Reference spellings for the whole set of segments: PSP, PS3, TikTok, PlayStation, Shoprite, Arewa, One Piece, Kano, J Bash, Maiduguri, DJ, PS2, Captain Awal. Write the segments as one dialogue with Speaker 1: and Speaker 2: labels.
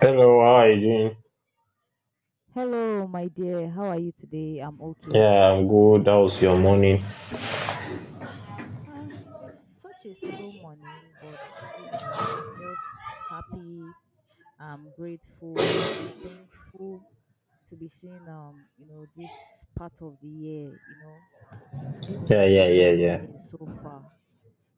Speaker 1: Hello, how are you doing?
Speaker 2: Hello, my dear. How are you today? I'm okay.
Speaker 1: Yeah, I'm good. How's your morning?
Speaker 2: It's such a slow morning, but you know, I'm just happy. I'm grateful. I'm thankful to be seeing you know, this part of the year. You know, it's been
Speaker 1: Yeah,
Speaker 2: a
Speaker 1: yeah, yeah,
Speaker 2: long
Speaker 1: yeah.
Speaker 2: year so far.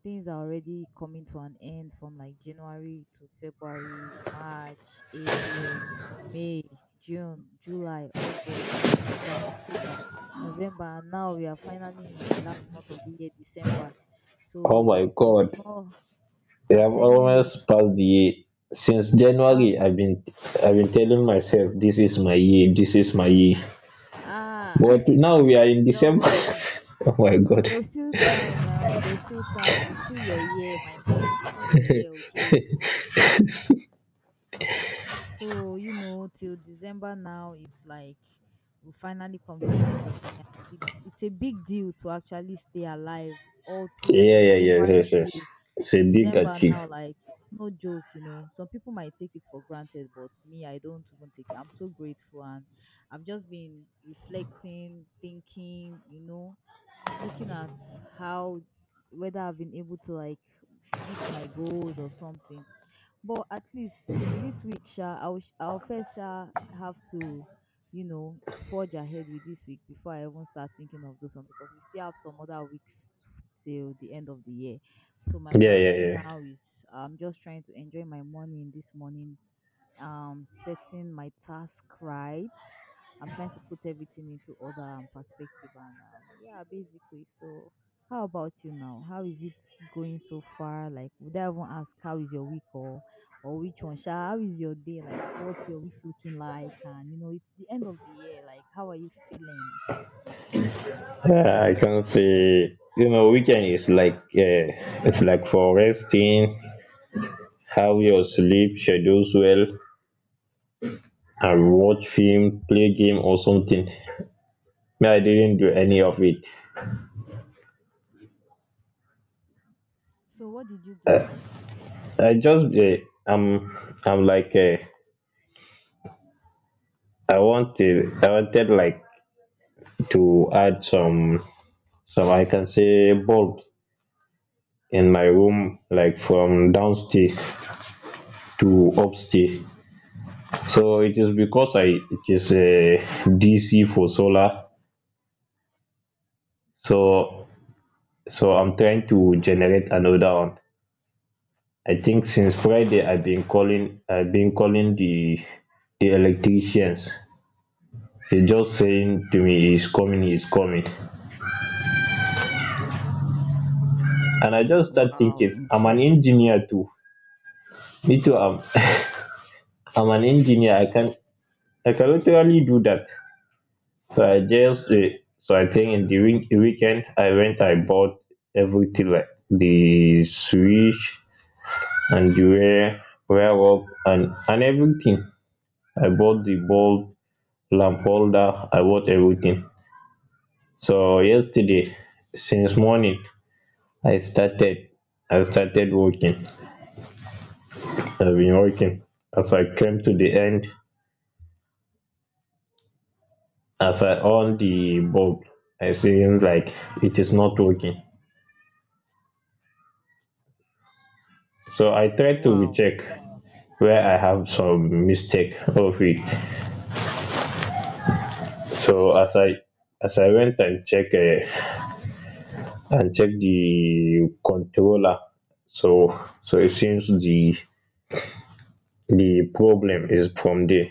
Speaker 2: Things are already coming to an end from like January to February, March, April, May, June, July, August, September, October, November, and now we are finally in the last month of the year, December. So
Speaker 1: Oh my
Speaker 2: it's
Speaker 1: God,
Speaker 2: not.
Speaker 1: we
Speaker 2: I'm
Speaker 1: have
Speaker 2: telling you,
Speaker 1: almost
Speaker 2: it's it,
Speaker 1: passed the year. Since January,
Speaker 2: um
Speaker 1: I've been telling myself this is my year, this is my year.
Speaker 2: ah.
Speaker 1: But now we are in
Speaker 2: Don't
Speaker 1: December.
Speaker 2: worry.
Speaker 1: Oh my God.
Speaker 2: There's still time now. There's still time. It's still your year, my man. It's still your year, okay? So, you know, till December now, it's like we finally come to the end of the year. It's a big deal to actually stay alive all through
Speaker 1: Yeah,
Speaker 2: from
Speaker 1: yeah, yeah,
Speaker 2: January
Speaker 1: yes, yes.
Speaker 2: till
Speaker 1: It's a big
Speaker 2: December now.
Speaker 1: achieve.
Speaker 2: Like no joke, you know. Some people might take it for granted, but me, I don't even take it. I'm so grateful, and I've just been reflecting, thinking, you know, looking at how whether I've been able to like hit my goals or something, but at least this week, sha, I'll first sha have to, you know, forge ahead with this week before I even start thinking of those one, because we still have some other weeks till the end of the year. So my
Speaker 1: Yeah, yeah,
Speaker 2: priority
Speaker 1: yeah.
Speaker 2: now is I'm just trying to enjoy my morning this morning, setting my task right. I'm trying to put everything into order and perspective, and yeah, basically. So how about you now? How is it going so far? Like, would I even ask how is your week, or which one sha? How is your day? Like, what's your week looking like? And you know it's the end of the year, like how are you feeling?
Speaker 1: Yeah, I can't say. You know, weekend is like it's like for resting, have your sleep schedules well, I watch film, play game or something. Me, I didn't do any of it.
Speaker 2: So what did you do?
Speaker 1: I just eh, I'm I'm like I wanted like to add some I can say bulbs in my room like from downstairs to upstairs. So it is because I it is a DC for solar. So so I'm trying to generate another one. I think since Friday I've been calling the electricians. They're just saying to me he's coming, he's coming. And I just start
Speaker 2: Wow,
Speaker 1: thinking, I'm
Speaker 2: intre.
Speaker 1: an engineer too. Me too I'm I'm an engineer. I can literally do that. So I just
Speaker 2: Mm.
Speaker 1: so I think in the week, weekend I bought everything like the switch and the wire up and everything. I bought the bulb, lamp holder, I bought everything. So yesterday, since morning, I started I started working. I've been working. As I came to the end, as I on the bulb, I seen like it is not working. So I tried to
Speaker 2: Wow.
Speaker 1: recheck where I have some mistake of it. So as I went and check and check the controller, so so it seems the problem is from there.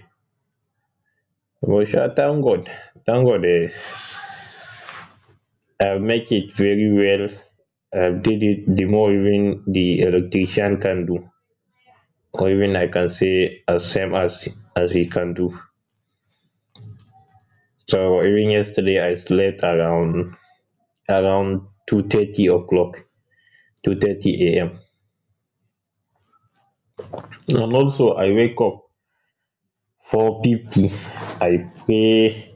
Speaker 1: But sure, thank God, thank God. Make it very well, did it the more even the electrician can do, or even I can say as same as he can do. So even yesterday I slept around 2:30 o'clock, 2:30 a.m. And also
Speaker 2: Wow.
Speaker 1: I wake up 4:50. I pray.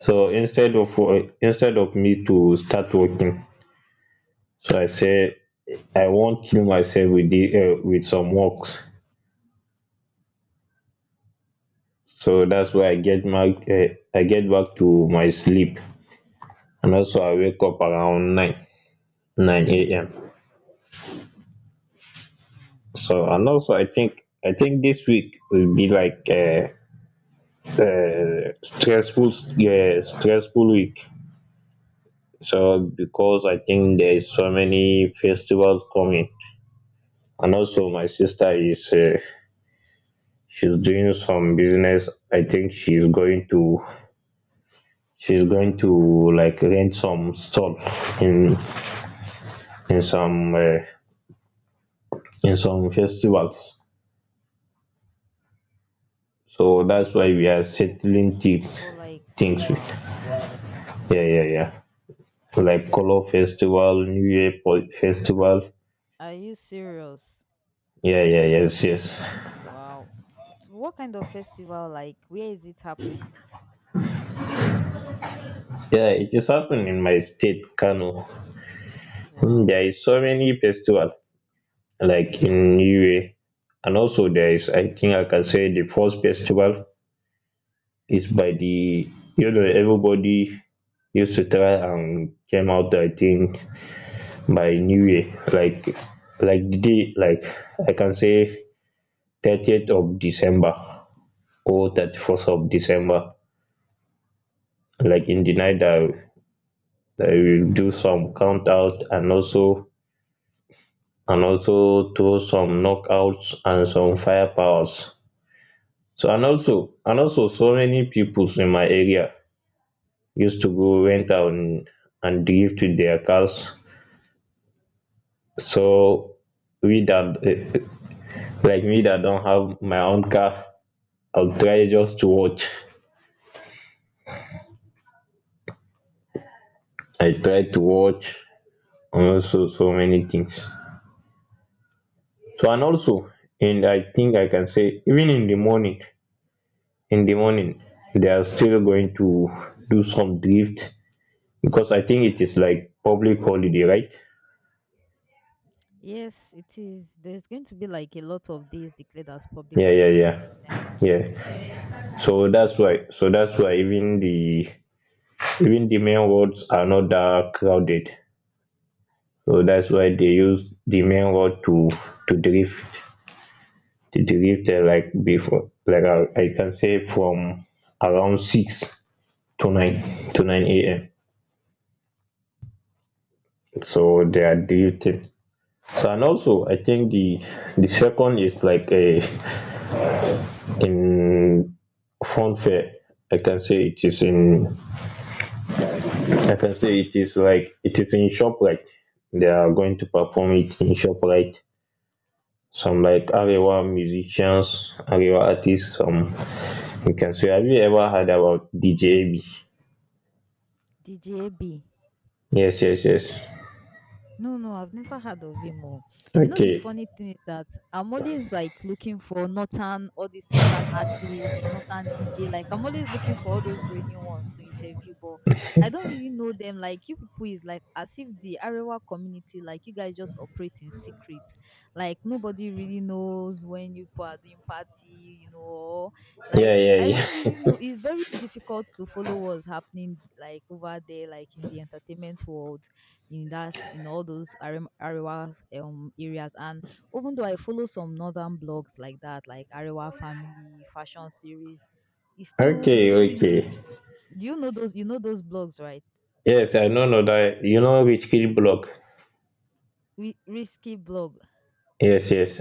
Speaker 1: So instead of me to start working, so I say I won't kill myself with with some works. So that's why
Speaker 2: Mm.
Speaker 1: I get back to my sleep, and also I wake up around 9 a.m.
Speaker 2: Mm.
Speaker 1: So and
Speaker 2: Wow.
Speaker 1: also I think this week will be like a stressful week, so because I think there's so many festivals coming. And also my sister is she's doing some business. I think she's going to like rent some stall in in some uh, in some festivals. So
Speaker 2: In some
Speaker 1: that's why we
Speaker 2: festive,
Speaker 1: are
Speaker 2: oh,
Speaker 1: settling the
Speaker 2: okay. For like
Speaker 1: things with.
Speaker 2: wow.
Speaker 1: Yeah, yeah, yeah. Like color festival, New Year festival.
Speaker 2: Are you serious?
Speaker 1: Yeah, yeah, yes, yes.
Speaker 2: Wow. S- what kind of festival? Like, where is it happening?
Speaker 1: Yeah, it is happening in my state, Kano. Hmm,
Speaker 2: Wow.
Speaker 1: There is so many festival like in New Year, and also there is. I think I can say the first festival is by the everybody used to try and came out. I think by new year like the day like I can say 30th of December or 31st of December. Like in the night,
Speaker 2: Wow.
Speaker 1: I will do some count out, and also throw some knockouts and some firepowers. So and also so many people in my area used to go rent out and drive to their cars. So we that like me that don't have my own car, I'll try just to watch. I try to watch, and also so many things. So and also, and I think I can say even in the morning, they are still going to do some drift because I think it is like public holiday, right?
Speaker 2: Yes, it is. There's going to be like a lot of days declared as public
Speaker 1: Yeah, yeah,
Speaker 2: holiday in
Speaker 1: yeah,
Speaker 2: December.
Speaker 1: yeah. So that's why even the main roads are not that crowded. So that's why they use the main road to drift. To dey read like before, like I can say from around six to nine to nine a.m. So they are drifting. So and also I think the second is like a in funfair. I can say it is in I can say it is like it is in Shoprite. They are going to perform it in Shoprite. Some like Arewa musicians, Arewa artists, some you can say, have you ever heard about DJ?
Speaker 2: Djab.
Speaker 1: Yes, yes, yes.
Speaker 2: No, no, I've never heard of him. Oh. You know, the
Speaker 1: Okay.
Speaker 2: funny thing is that I'm always like looking for Northern, all these Northern artists, Northern DJ. Like, I'm always looking for all those rainy ones to interview, but I don't really know them. Like, you people is like as if the Arewa community, like, you guys just operate in secret. Like, nobody really knows when you people are doing party, you know. Or, like,
Speaker 1: Yeah, yeah,
Speaker 2: I don't really
Speaker 1: yeah.
Speaker 2: know. It's very difficult to follow what's happening, like, over there, like, in the entertainment world in that in all those Arewa areas. And even though I follow some northern blogs like that, like Arewa Family Fashion Series, it's still they
Speaker 1: Okay,
Speaker 2: don't really.
Speaker 1: okay.
Speaker 2: Do you know those? You know those blogs, right?
Speaker 1: Yes, I know that you know which kill block.
Speaker 2: We risky blog.
Speaker 1: Yes, yes.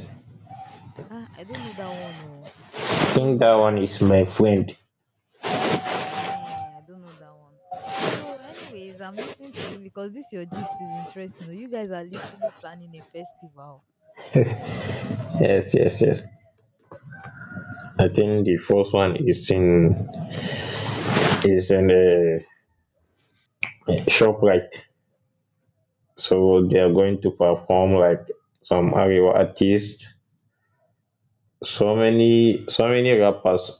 Speaker 2: Ah, I don't know that one. Oh, I
Speaker 1: I
Speaker 2: know
Speaker 1: think that one is
Speaker 2: northern.
Speaker 1: my friend.
Speaker 2: Eh, I don't know that one. So, anyways, I'm listening to you because this your gist is interesting. Oh. You guys are literally planning a festival. Wow.
Speaker 1: Yes, yes, yes. I
Speaker 2: Hmm.
Speaker 1: think the first one is in the shop right. So they are going to perform like some Ariwa artists. So many rappers,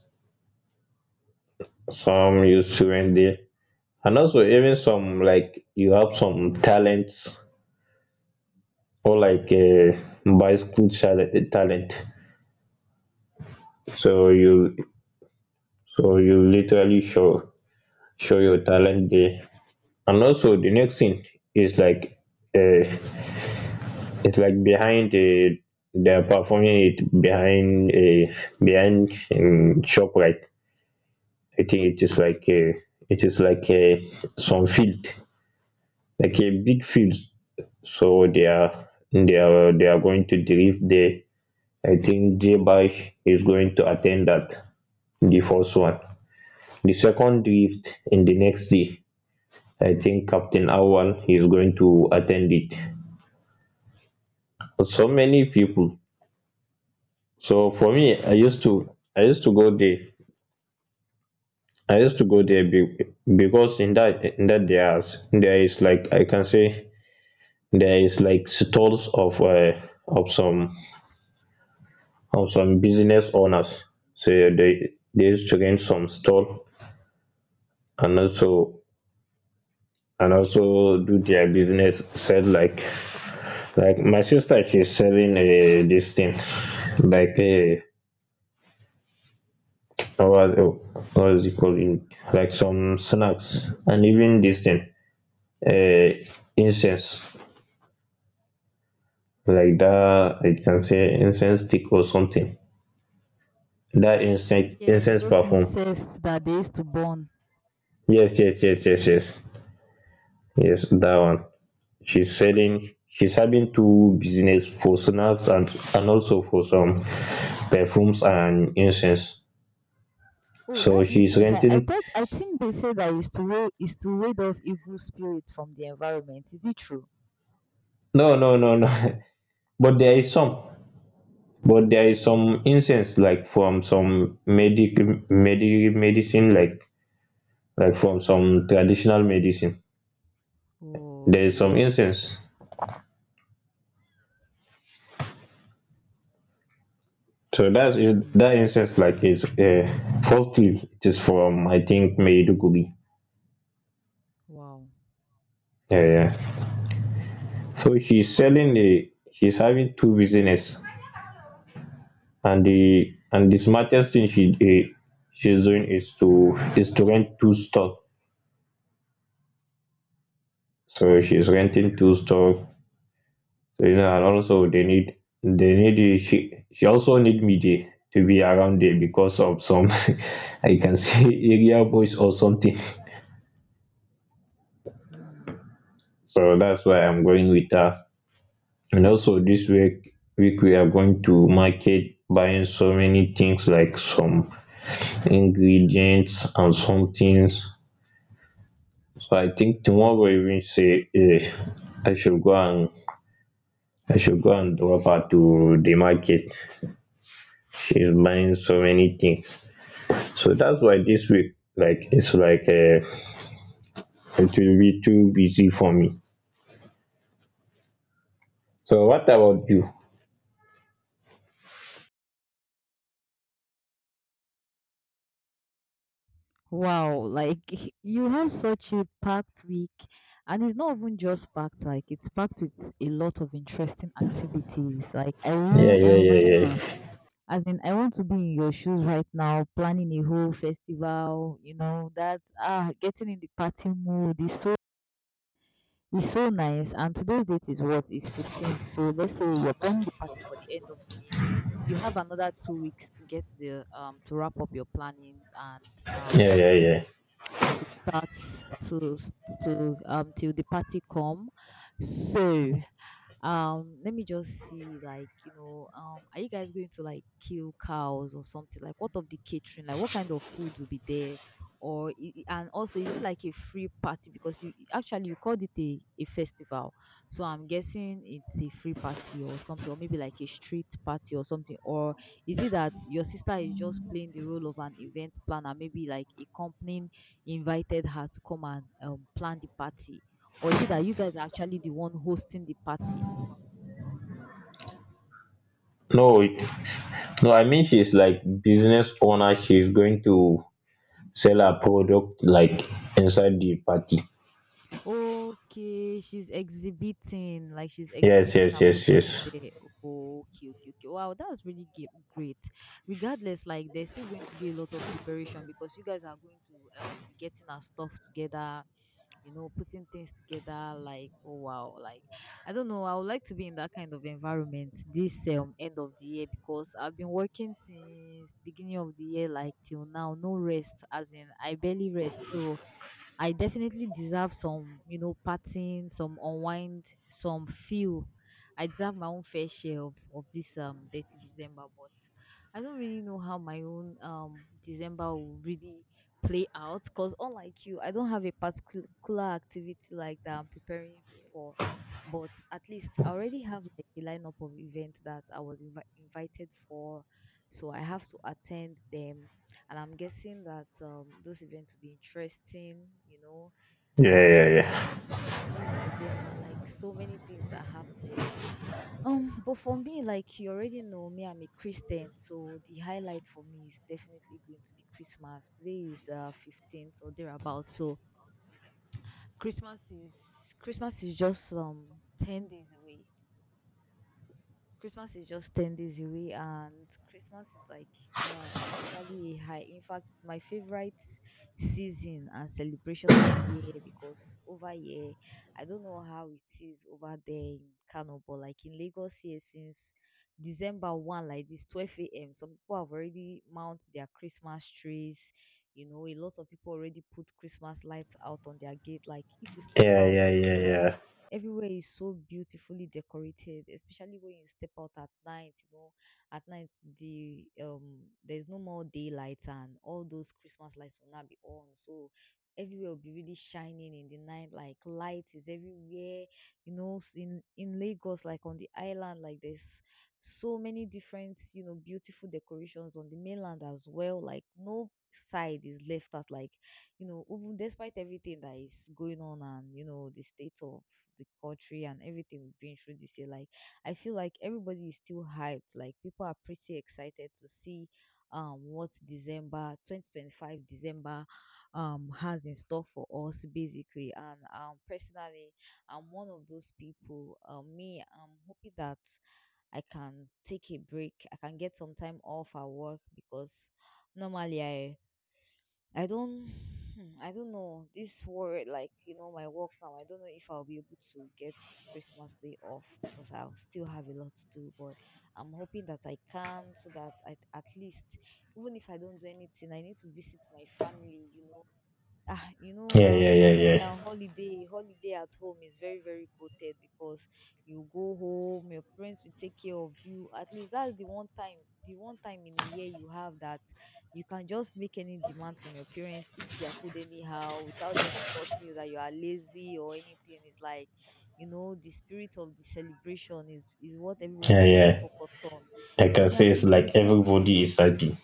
Speaker 1: some you Suwende. And also even some like you have some talents or like a bicycle talent. So you so you literally show your talent there. And also the next thing is like uh, it's like behind they're performing it behind behind Shoprite. I think it is like a some field, like a big field. So they are going to drift there. I think J Bash is going to attend that. The first one, the second drift in the next day. I think Captain Awal is going to attend it. So many people. So for me, I used to go there I used to go there because in that there is like I can say there is like stalls of of some of some business owners. So they used to rent some stall, and also and also do their business, sell like my sister, she's selling this thing like what, what is it called, in like some snacks and even this thing, incense, like that, it can say incense stick or something. That incense,
Speaker 2: Yeah, those
Speaker 1: perfume.
Speaker 2: insects that they used to burn.
Speaker 1: Yes, yes, yes, yes, yes, yes, that one. She's having two business, for snacks and also for some perfumes and incense.
Speaker 2: Oh,
Speaker 1: So
Speaker 2: that
Speaker 1: she's
Speaker 2: incense! I
Speaker 1: renting.
Speaker 2: thought I think they say that is to ward off evil spirits from the environment. Is it true?
Speaker 1: No, no, no, no. But there is
Speaker 2: Oh,
Speaker 1: some, but there is some incense like from some medicine, like from some traditional medicine.
Speaker 2: oh,
Speaker 1: There is some
Speaker 2: okay.
Speaker 1: incense. So
Speaker 2: Hmm.
Speaker 1: that incense like is falsely it is from, I think, Maiduguri.
Speaker 2: Wow.
Speaker 1: Uh, so she's selling the she's having two business, and the smartest thing she's doing is to rent two stores. So she's renting two stores. So you know, and also they need she also need me there, to be around there because of some I can say area boys or something.
Speaker 2: Hmm.
Speaker 1: So that's why I'm going with her. And also this week we are going to market, buying so many things like some ingredients and some things. So I think tomorrow even say, I should go and I should go and drop her to the market. She's buying so many things. So that's why this week, like, it's like it will be too busy for me. So what about you?
Speaker 2: Wow. Like you have such a packed week, and it's not even just packed. Like it's packed with a lot of interesting activities. Like I
Speaker 1: Yeah,
Speaker 2: really
Speaker 1: yeah,
Speaker 2: envy
Speaker 1: yeah,
Speaker 2: you.
Speaker 1: yeah,
Speaker 2: As in, I want to be in your shoes right now, planning a whole festival. You know that ah, getting in the party mood is so it's so nice. And today's date is what, 15th? So let's say you're planning the party for the end of the year. You have another 2 weeks to get the to wrap up your plannings, and um
Speaker 1: yeah, yeah, yeah.
Speaker 2: to start to to till the party come. So let me just see, like, you know, are you guys going to like kill cows or something? Like, what of the catering? Like, what kind of food will be there, or and also is it like a free party, because actually you called it a festival, so I'm guessing it's a free party or something, or maybe like a street party or something, or is it that your sister is just playing the role of an event planner, maybe like a company invited her to come and plan the party, or is it that you guys are actually the one hosting the party?
Speaker 1: No, no, I mean she's like business owner. She's going to sell her product like inside the party.
Speaker 2: Okay, she's exhibiting, like she's
Speaker 1: Yes,
Speaker 2: exhibiting
Speaker 1: yes,
Speaker 2: her
Speaker 1: yes,
Speaker 2: product
Speaker 1: yes.
Speaker 2: there. Oh, okay, okay, okay. Wow, that's really great. Regardless, like there's still going to be a lot of preparation, because you guys are going to be getting our stuff together, you know, putting things together. Like, oh wow, like I don't know. I would like to be in that kind of environment this end of the year, because I've been working since beginning of the year, like till now, no rest. As in, I barely rest. So I definitely deserve some, you know, partying, some unwind, some feel. I deserve my own fair share of this dirty December, but I don't really know how my own December will really play out, because unlike you, I don't have a particular activity like that I'm preparing for. But at least I already have like a lineup of events that I was invited for, so I have to attend them, and I'm guessing that those events will be interesting. You know,
Speaker 1: Yeah,
Speaker 2: um,
Speaker 1: yeah, yeah,
Speaker 2: this December, like so many things are happening. But for me, like you already know, me, I'm a Christian, so the highlight for me is definitely going to be Christmas. Today is 15th or thereabouts, so Christmas is Christmas is just 10 days away. Christmas is just 10 days away, and Christmas is like, is usually a high. In fact, it's my favorite season and celebration of the year, because over here, I don't know how it is over there in Kano, but like in Lagos here, since December 1, like this 12 a.m., some people have already mounted their Christmas trees. You know, a lot of people already put Christmas lights out on their gate. Like, if you step
Speaker 1: yeah,
Speaker 2: out
Speaker 1: yeah,
Speaker 2: everywhere,
Speaker 1: yeah,
Speaker 2: everywhere is so beautifully decorated, especially when you step out at night, you know, at night the there's no more daylight and all those Christmas lights will not be on. So everywhere will be really shining in the night, like light is everywhere, you know, in Lagos, like on the island, like there's so many different, you know, beautiful decorations on the mainland as well. Like no side is left out, like, you know, even despite everything that is going on, and you know the state of the country and everything we've been through this year. Like I feel like everybody is still hyped. Like people are pretty excited to see what December 2025 December has in store for us basically. And personally I'm one of those people. Me I'm hoping that I can take a break. I can get some time off at work, because normally I don't hmm, I don't know this word like you know my work now. I don't know if I'll be able to get Christmas day off, because I'll still have a lot to do, but I'm hoping that I can, so that I, at least even if I don't do anything, I need to visit my family, you know, ah, you know,
Speaker 1: yeah,
Speaker 2: now
Speaker 1: yeah, yeah,
Speaker 2: in
Speaker 1: yeah,
Speaker 2: Nigeria,
Speaker 1: yeah,
Speaker 2: holiday at home is very very goated, because you go home, your parents will take care of you. At least that's the one time in a year you have that you can just make any demand from your parents, eat their food anyhow without them insulting you that you are lazy or anything. It's like you know the spirit of the celebration is what
Speaker 1: yeah.
Speaker 2: everyone just
Speaker 1: Yeah.
Speaker 2: focus on.
Speaker 1: Like I
Speaker 2: So
Speaker 1: can
Speaker 2: me,
Speaker 1: say
Speaker 2: I'm
Speaker 1: it's
Speaker 2: really
Speaker 1: like
Speaker 2: looking.
Speaker 1: everybody is happy.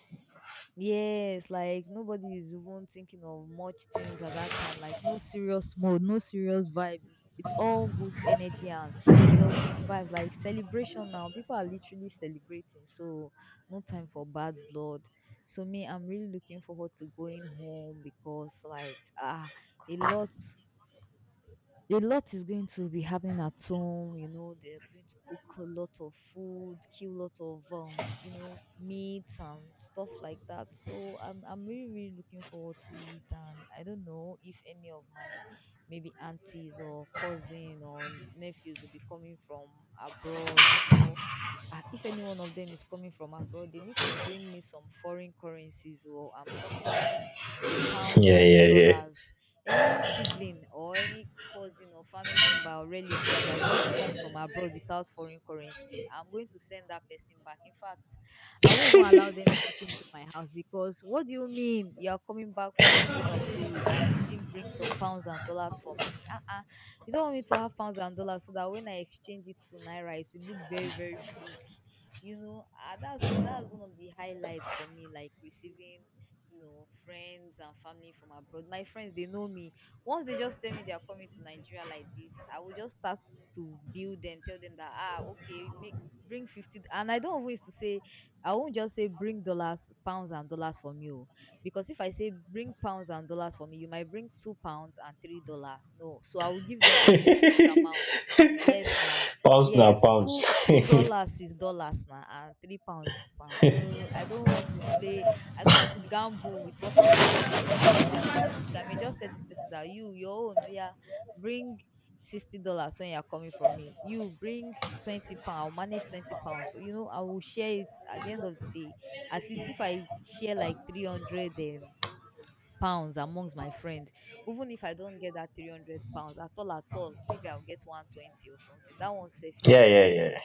Speaker 2: Yes, like nobody is even thinking of much things at that time. Like no serious mode, no serious vibes. It's all good energy, and you know good vibes. Like celebration now, people are literally celebrating. So no time for bad blood. So me, I'm really looking forward to going home, because like ah, a lot a lot is going to be happening at home. You know, they're going to cook a lot of food, kill lots of you know, meat and stuff like that. So I'm really really looking forward to it. And I don't know if any of my maybe aunties or cousin or nephews will be coming from abroad. You know, if any one of them is coming from abroad, they need to bring me some foreign currencies. Or I'm talking of the pounds
Speaker 1: Yeah,
Speaker 2: and the
Speaker 1: yeah, yeah.
Speaker 2: dollars. Any sibling or any cousin or family member or relative that just come from abroad without foreign currency, I'm going to send that person back. In fact, I won't even allow them step into my house, because what do you mean you are coming back from overseas and you didn't bring some pounds and dollars for me? Uh-uh, you don't want me to have pounds and dollars so that when I exchange it to naira, it will look very very big. You know, that's one of the highlights for me. Like receiving, friends and family from abroad. My friends, they know me. Once they just tell me they are coming to Nigeria like this, I will just start to build them. Tell them that okay, make bring 50. And I don't always to say I won't just say bring dollars, pounds, and dollars for me. Oh. Because if I say bring pounds and dollars for me, you might bring £2 and $3. No, so I will give them a specific amount. Yes, now.
Speaker 1: Pounds now,
Speaker 2: Yes, two
Speaker 1: pounds.
Speaker 2: two
Speaker 1: Yeah,
Speaker 2: dollars is dollars now, and £3 is pounds. So I don't want to play. I don't want to gamble with what I want. So I used to give them specific. I may just tell this person that you your own, oh yeah, bring $60 when you're coming from me. You bring £20, manage £20. You know, I will share it at the end of the day. At least if I share like 300 pounds amongst my friends, even if I don't get that £300 at all at all, maybe I'll get 120 or something. That one safe is
Speaker 1: yeah,
Speaker 2: still
Speaker 1: yeah,
Speaker 2: something.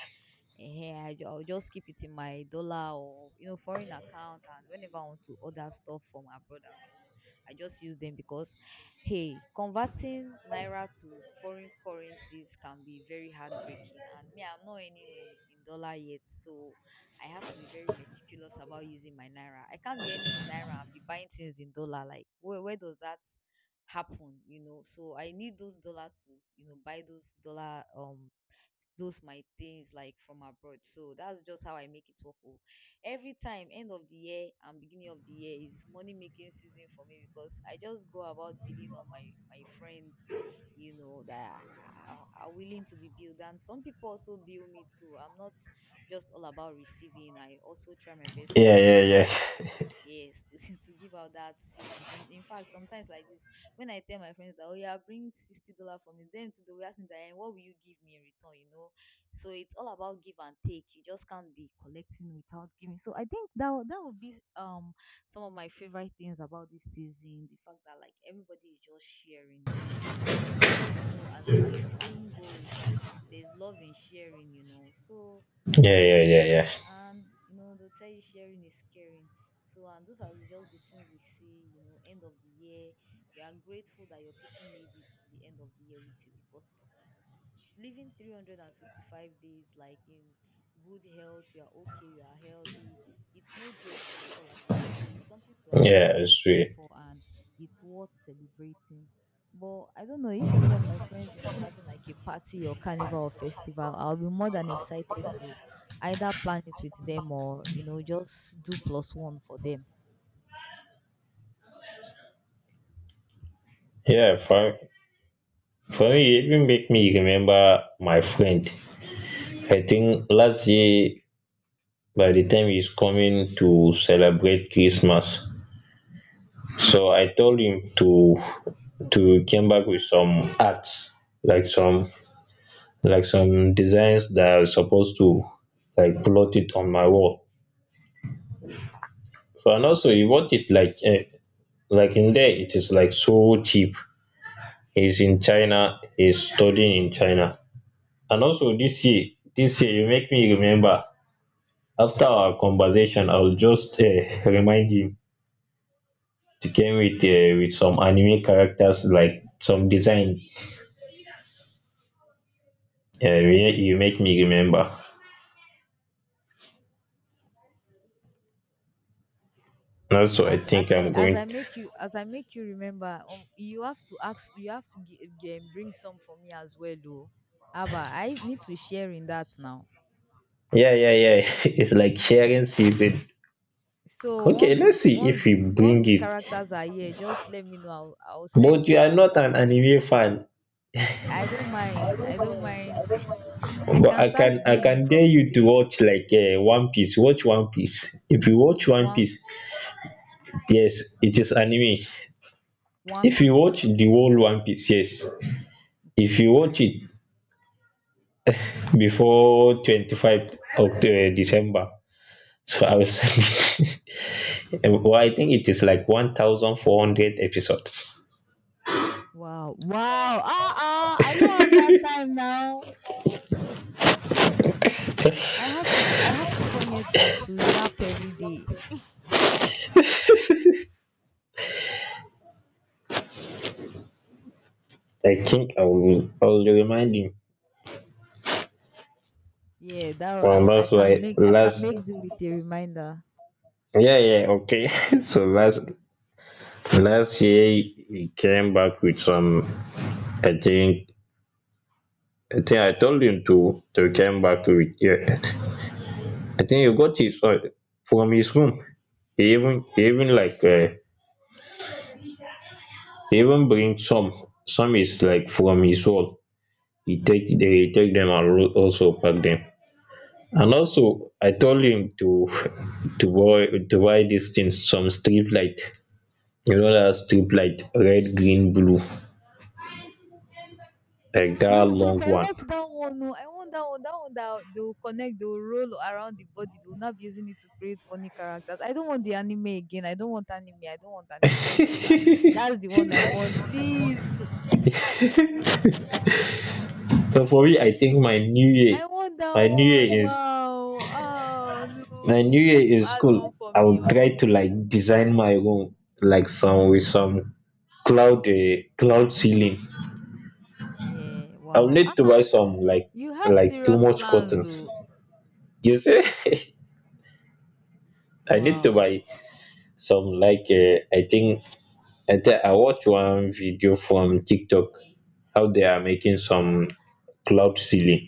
Speaker 2: I'll just keep it in my dollar or foreign account, and whenever I want to order stuff from abroad, I just use them. Because hey, converting naira to foreign currencies can be very heartbreaking, and me, I'm not earning in dollar yet. So I have to be very meticulous about using my naira. I can't be earning in naira and be buying things in dollar. Like where does that happen? You know, so I need those dollar to buy those dollar, those my things like from abroad. So that's just how I make it work. Oh. Every time, end of the year and beginning of the year is money making season for me, because I just go about billing on my friends, you know, that are willing to be billed. And some people also bill me too. I'm not just all about receiving. I also try my best to
Speaker 1: yeah,
Speaker 2: give out.
Speaker 1: yeah, yeah,
Speaker 2: Yes. To give out that season. Some, in fact, sometimes like this, when I tell my friends that, oh yeah, bring $60 for me, then to the will ask me that, "Eh, what will you give me in return?" You know, so it's all about give and take. You just can't be collecting without giving. So I think that would be some of my favorite things about this season. The fact that like everybody is just sharing basically, and you know, as the saying goes, there's love in sharing. You know, so
Speaker 1: yeah, yeah, yeah, yeah.
Speaker 2: and you know they'll tell you sharing is caring. So, and those are just the things we see. You know, end of the year you are grateful that your people made it to the end of the year with you, because living 365 days like in good health, you are okay, you are healthy. It's no joke at all at all. So it's something to actually
Speaker 1: Yeah,
Speaker 2: be
Speaker 1: it's
Speaker 2: grateful
Speaker 1: real.
Speaker 2: for, and it's worth celebrating. But I don't know if any of my friends will be having like a party or carnival or festival. I'll be more than excited to either plan it with them or just do plus one for them.
Speaker 1: Yeah, for me, it even make me remember my friend. I think last year, by the time he's coming to celebrate Christmas, so I told him to come back with some arts, like some designs that are supposed to like plot it on my wall. So and also he bought it like like in there it is like so cheap. He's in China, he's studying in China. And also this year you make me remember. After our conversation, I'll just remind you to came with some anime characters like some design. You make me remember. And also I think I'm going.
Speaker 2: As I make you remember, you have to ask you have to gi- gi- bring some for me as well, though. Abba, I need to share in that now.
Speaker 1: Yeah, yeah, yeah. It's like sharing season.
Speaker 2: So
Speaker 1: Okay,
Speaker 2: once
Speaker 1: let's
Speaker 2: it's
Speaker 1: see
Speaker 2: once
Speaker 1: if we
Speaker 2: the once
Speaker 1: bring
Speaker 2: the
Speaker 1: it.
Speaker 2: characters are here, just let me know. I'll send
Speaker 1: But
Speaker 2: you
Speaker 1: you
Speaker 2: my
Speaker 1: are not
Speaker 2: location.
Speaker 1: an
Speaker 2: You will.
Speaker 1: anime fan.
Speaker 2: I don't mind. I don't mind. I
Speaker 1: But
Speaker 2: can
Speaker 1: I
Speaker 2: start
Speaker 1: can I
Speaker 2: being
Speaker 1: can dare
Speaker 2: from
Speaker 1: you to
Speaker 2: today.
Speaker 1: watch like One Piece. Watch One Piece. If you watch One
Speaker 2: One
Speaker 1: Piece, yes, it is anime.
Speaker 2: one
Speaker 1: If you watch
Speaker 2: piece.
Speaker 1: the whole One Piece, yes. If
Speaker 2: Okay.
Speaker 1: you watch it before 25 of the December, so I was. Well, I
Speaker 2: Okay.
Speaker 1: think it is like 1,400 episodes.
Speaker 2: Wow. Wow. Ah ah. I don't have that time now. I have to come here to yap every day.
Speaker 1: I think I will. I will remind you.
Speaker 2: Yeah, that
Speaker 1: Well, that's why
Speaker 2: I can
Speaker 1: last.
Speaker 2: make do with a reminder.
Speaker 1: Yeah, yeah, okay. So last year he came back with some, I think I think I told him to come back to it. Yeah. I think he got his, from his room. He even like he even bring some is like from his wall. He take They take them and also pack them. And also I told him to to buy these things, some strip light. You know that strip light, red,
Speaker 2: Sh-
Speaker 1: green, blue, like that
Speaker 2: Yes, yes,
Speaker 1: long
Speaker 2: I
Speaker 1: one.
Speaker 2: want that one. Oh, I want that one. That one that they'll connect, they'll roll around the body. They'll not be using it to create funny characters. I don't want the anime again. I don't want anime. I don't want anime poster. That's the one I want. Please.
Speaker 1: So for me, I think
Speaker 2: I want that
Speaker 1: my new
Speaker 2: one.
Speaker 1: year is
Speaker 2: Wow. Oh no.
Speaker 1: my new
Speaker 2: Please
Speaker 1: year
Speaker 2: let him
Speaker 1: in
Speaker 2: add
Speaker 1: school,
Speaker 2: one for
Speaker 1: I
Speaker 2: me.
Speaker 1: will
Speaker 2: Oh.
Speaker 1: try to like design my room like some with some cloud, cloud ceiling.
Speaker 2: Yeah,
Speaker 1: I will
Speaker 2: wow.
Speaker 1: need
Speaker 2: Ah,
Speaker 1: to
Speaker 2: ah,
Speaker 1: buy some, like
Speaker 2: you have
Speaker 1: like too
Speaker 2: serious
Speaker 1: much
Speaker 2: plans,
Speaker 1: curtains,
Speaker 2: oh.
Speaker 1: you see. I need to
Speaker 2: Wow.
Speaker 1: buy some, I think I watch one video from tiktok how they are making some cloud ceiling.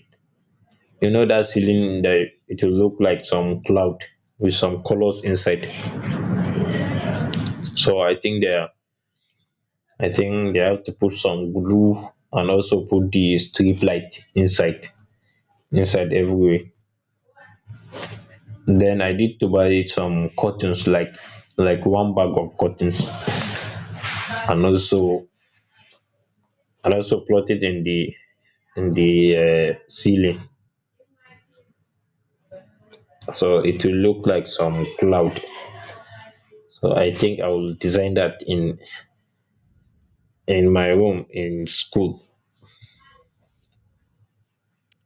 Speaker 1: You know that ceiling that it will look like some cloud with some colors inside. So I think they have to put some glue, and also put the strip light inside everywhere. Then I need to buy some curtains, like one bag of curtains, and also and also plot it in the ceiling, so it will look like some cloud. So I think I will design that in my room in school.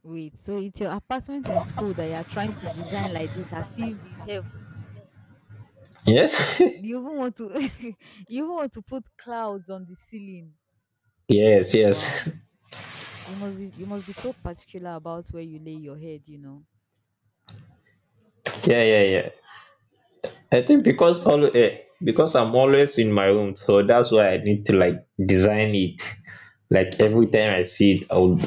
Speaker 2: Wait, so it's your apartment in school that you're trying to design like this as if it's heaven.
Speaker 1: Yes,
Speaker 2: You even want to you even want to put clouds on the ceiling.
Speaker 1: yes, yes.
Speaker 2: Wow. You must be so particular about where you lay your head, you know.
Speaker 1: Yeah, yeah, yeah. I think
Speaker 2: Mm,
Speaker 1: because
Speaker 2: that.
Speaker 1: because I'm always in my room, so that's why I need to like design it. Like every
Speaker 2: Yeah.
Speaker 1: time I see it, I'll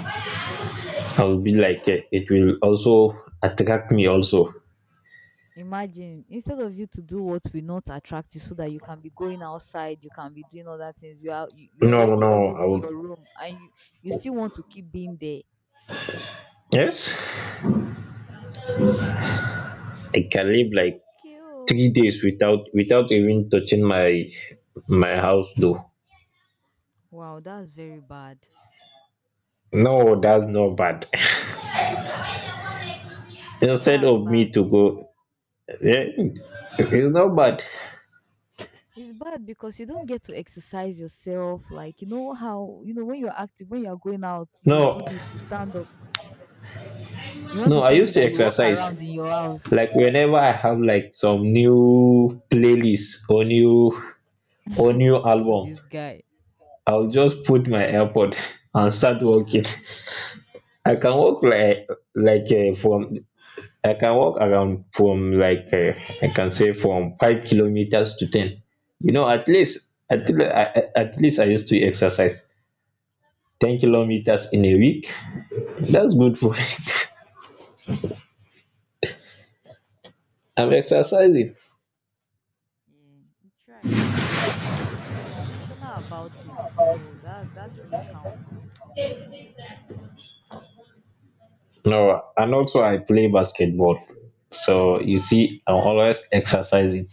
Speaker 1: I'll be like, it will also attract me also.
Speaker 2: Imagine instead of you to do what will not attract you so that you can be going outside, you can be doing other things. You're
Speaker 1: No,
Speaker 2: already
Speaker 1: no,
Speaker 2: always
Speaker 1: I
Speaker 2: in
Speaker 1: would.
Speaker 2: your room, and you still want to keep being there.
Speaker 1: Yes,
Speaker 2: Wow.
Speaker 1: I can live like
Speaker 2: Okay. Oh.
Speaker 1: 3 days without even touching my house though.
Speaker 2: Wow, that's very bad.
Speaker 1: No, that's not bad. Instead
Speaker 2: That's
Speaker 1: of me
Speaker 2: bad
Speaker 1: to
Speaker 2: though.
Speaker 1: go, yeah, it's not bad.
Speaker 2: It's bad because you don't get to exercise yourself. Like you know how you know when you're active, when you're going out, you do
Speaker 1: No,
Speaker 2: this, you stand up. You want
Speaker 1: no,
Speaker 2: to
Speaker 1: I
Speaker 2: tell me
Speaker 1: used to
Speaker 2: that you walk
Speaker 1: exercise.
Speaker 2: around in your house.
Speaker 1: Like whenever I have like some new playlist or new album,
Speaker 2: This guy.
Speaker 1: I'll just put my airpod and start walking. i can walk like like uh, from I can walk around from like I can say from 5 kilometers to 10. You know, at least at least I used to exercise 10
Speaker 2: Mm,
Speaker 1: kilometers in a week. That's good for me, I'm
Speaker 2: try.
Speaker 1: exercising.
Speaker 2: Yeah, you try. I mean, at least you are intentional about it, so that really counts.
Speaker 1: No, and also I play basketball. So you see, I'm always exercising.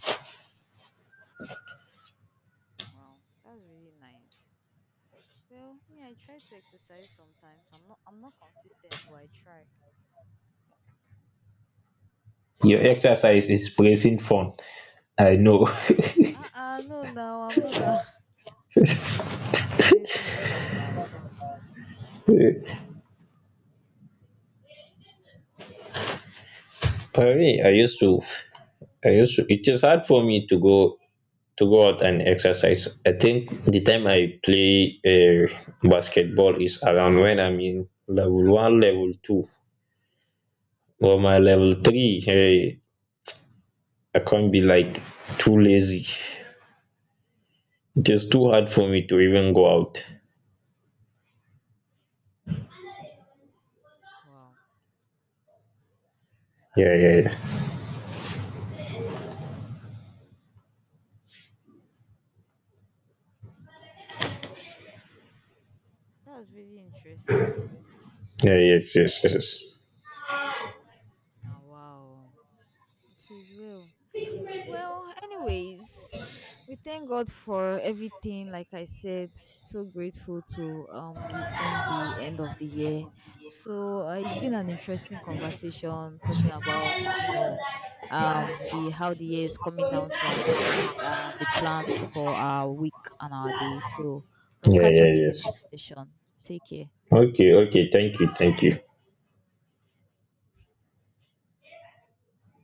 Speaker 2: Wow, that's really nice. Well, me, I try to exercise sometimes. I'm not consistent, but I try.
Speaker 1: Your exercise is placing fun. I know.
Speaker 2: Uh, no, no, I'm not that. I'm definitely not that bad.
Speaker 1: For me, I used to, I used to. It is hard for me to go out and exercise. I think the time I play basketball is around when I'm in level one, level two, or my level three. Hey, I can't be like too lazy. It is too hard for me to even go out.
Speaker 2: Wow.
Speaker 1: Yeah, yeah, yeah.
Speaker 2: That's really interesting.
Speaker 1: Yeah,
Speaker 2: Hmm.
Speaker 1: yes, yes, yes. Yes.
Speaker 2: Now, wow. It is well. Well, anyways, we thank God for everything. Like I said, so grateful to be seeing the end of the year. So it's been an interesting conversation talking about you know, the how the year is coming down to an end and the plans for our week and our day. So we'll
Speaker 1: Yeah,
Speaker 2: catch
Speaker 1: yeah,
Speaker 2: up in the
Speaker 1: yes.
Speaker 2: next session. Take care.
Speaker 1: Okay, okay. Thank you, thank you.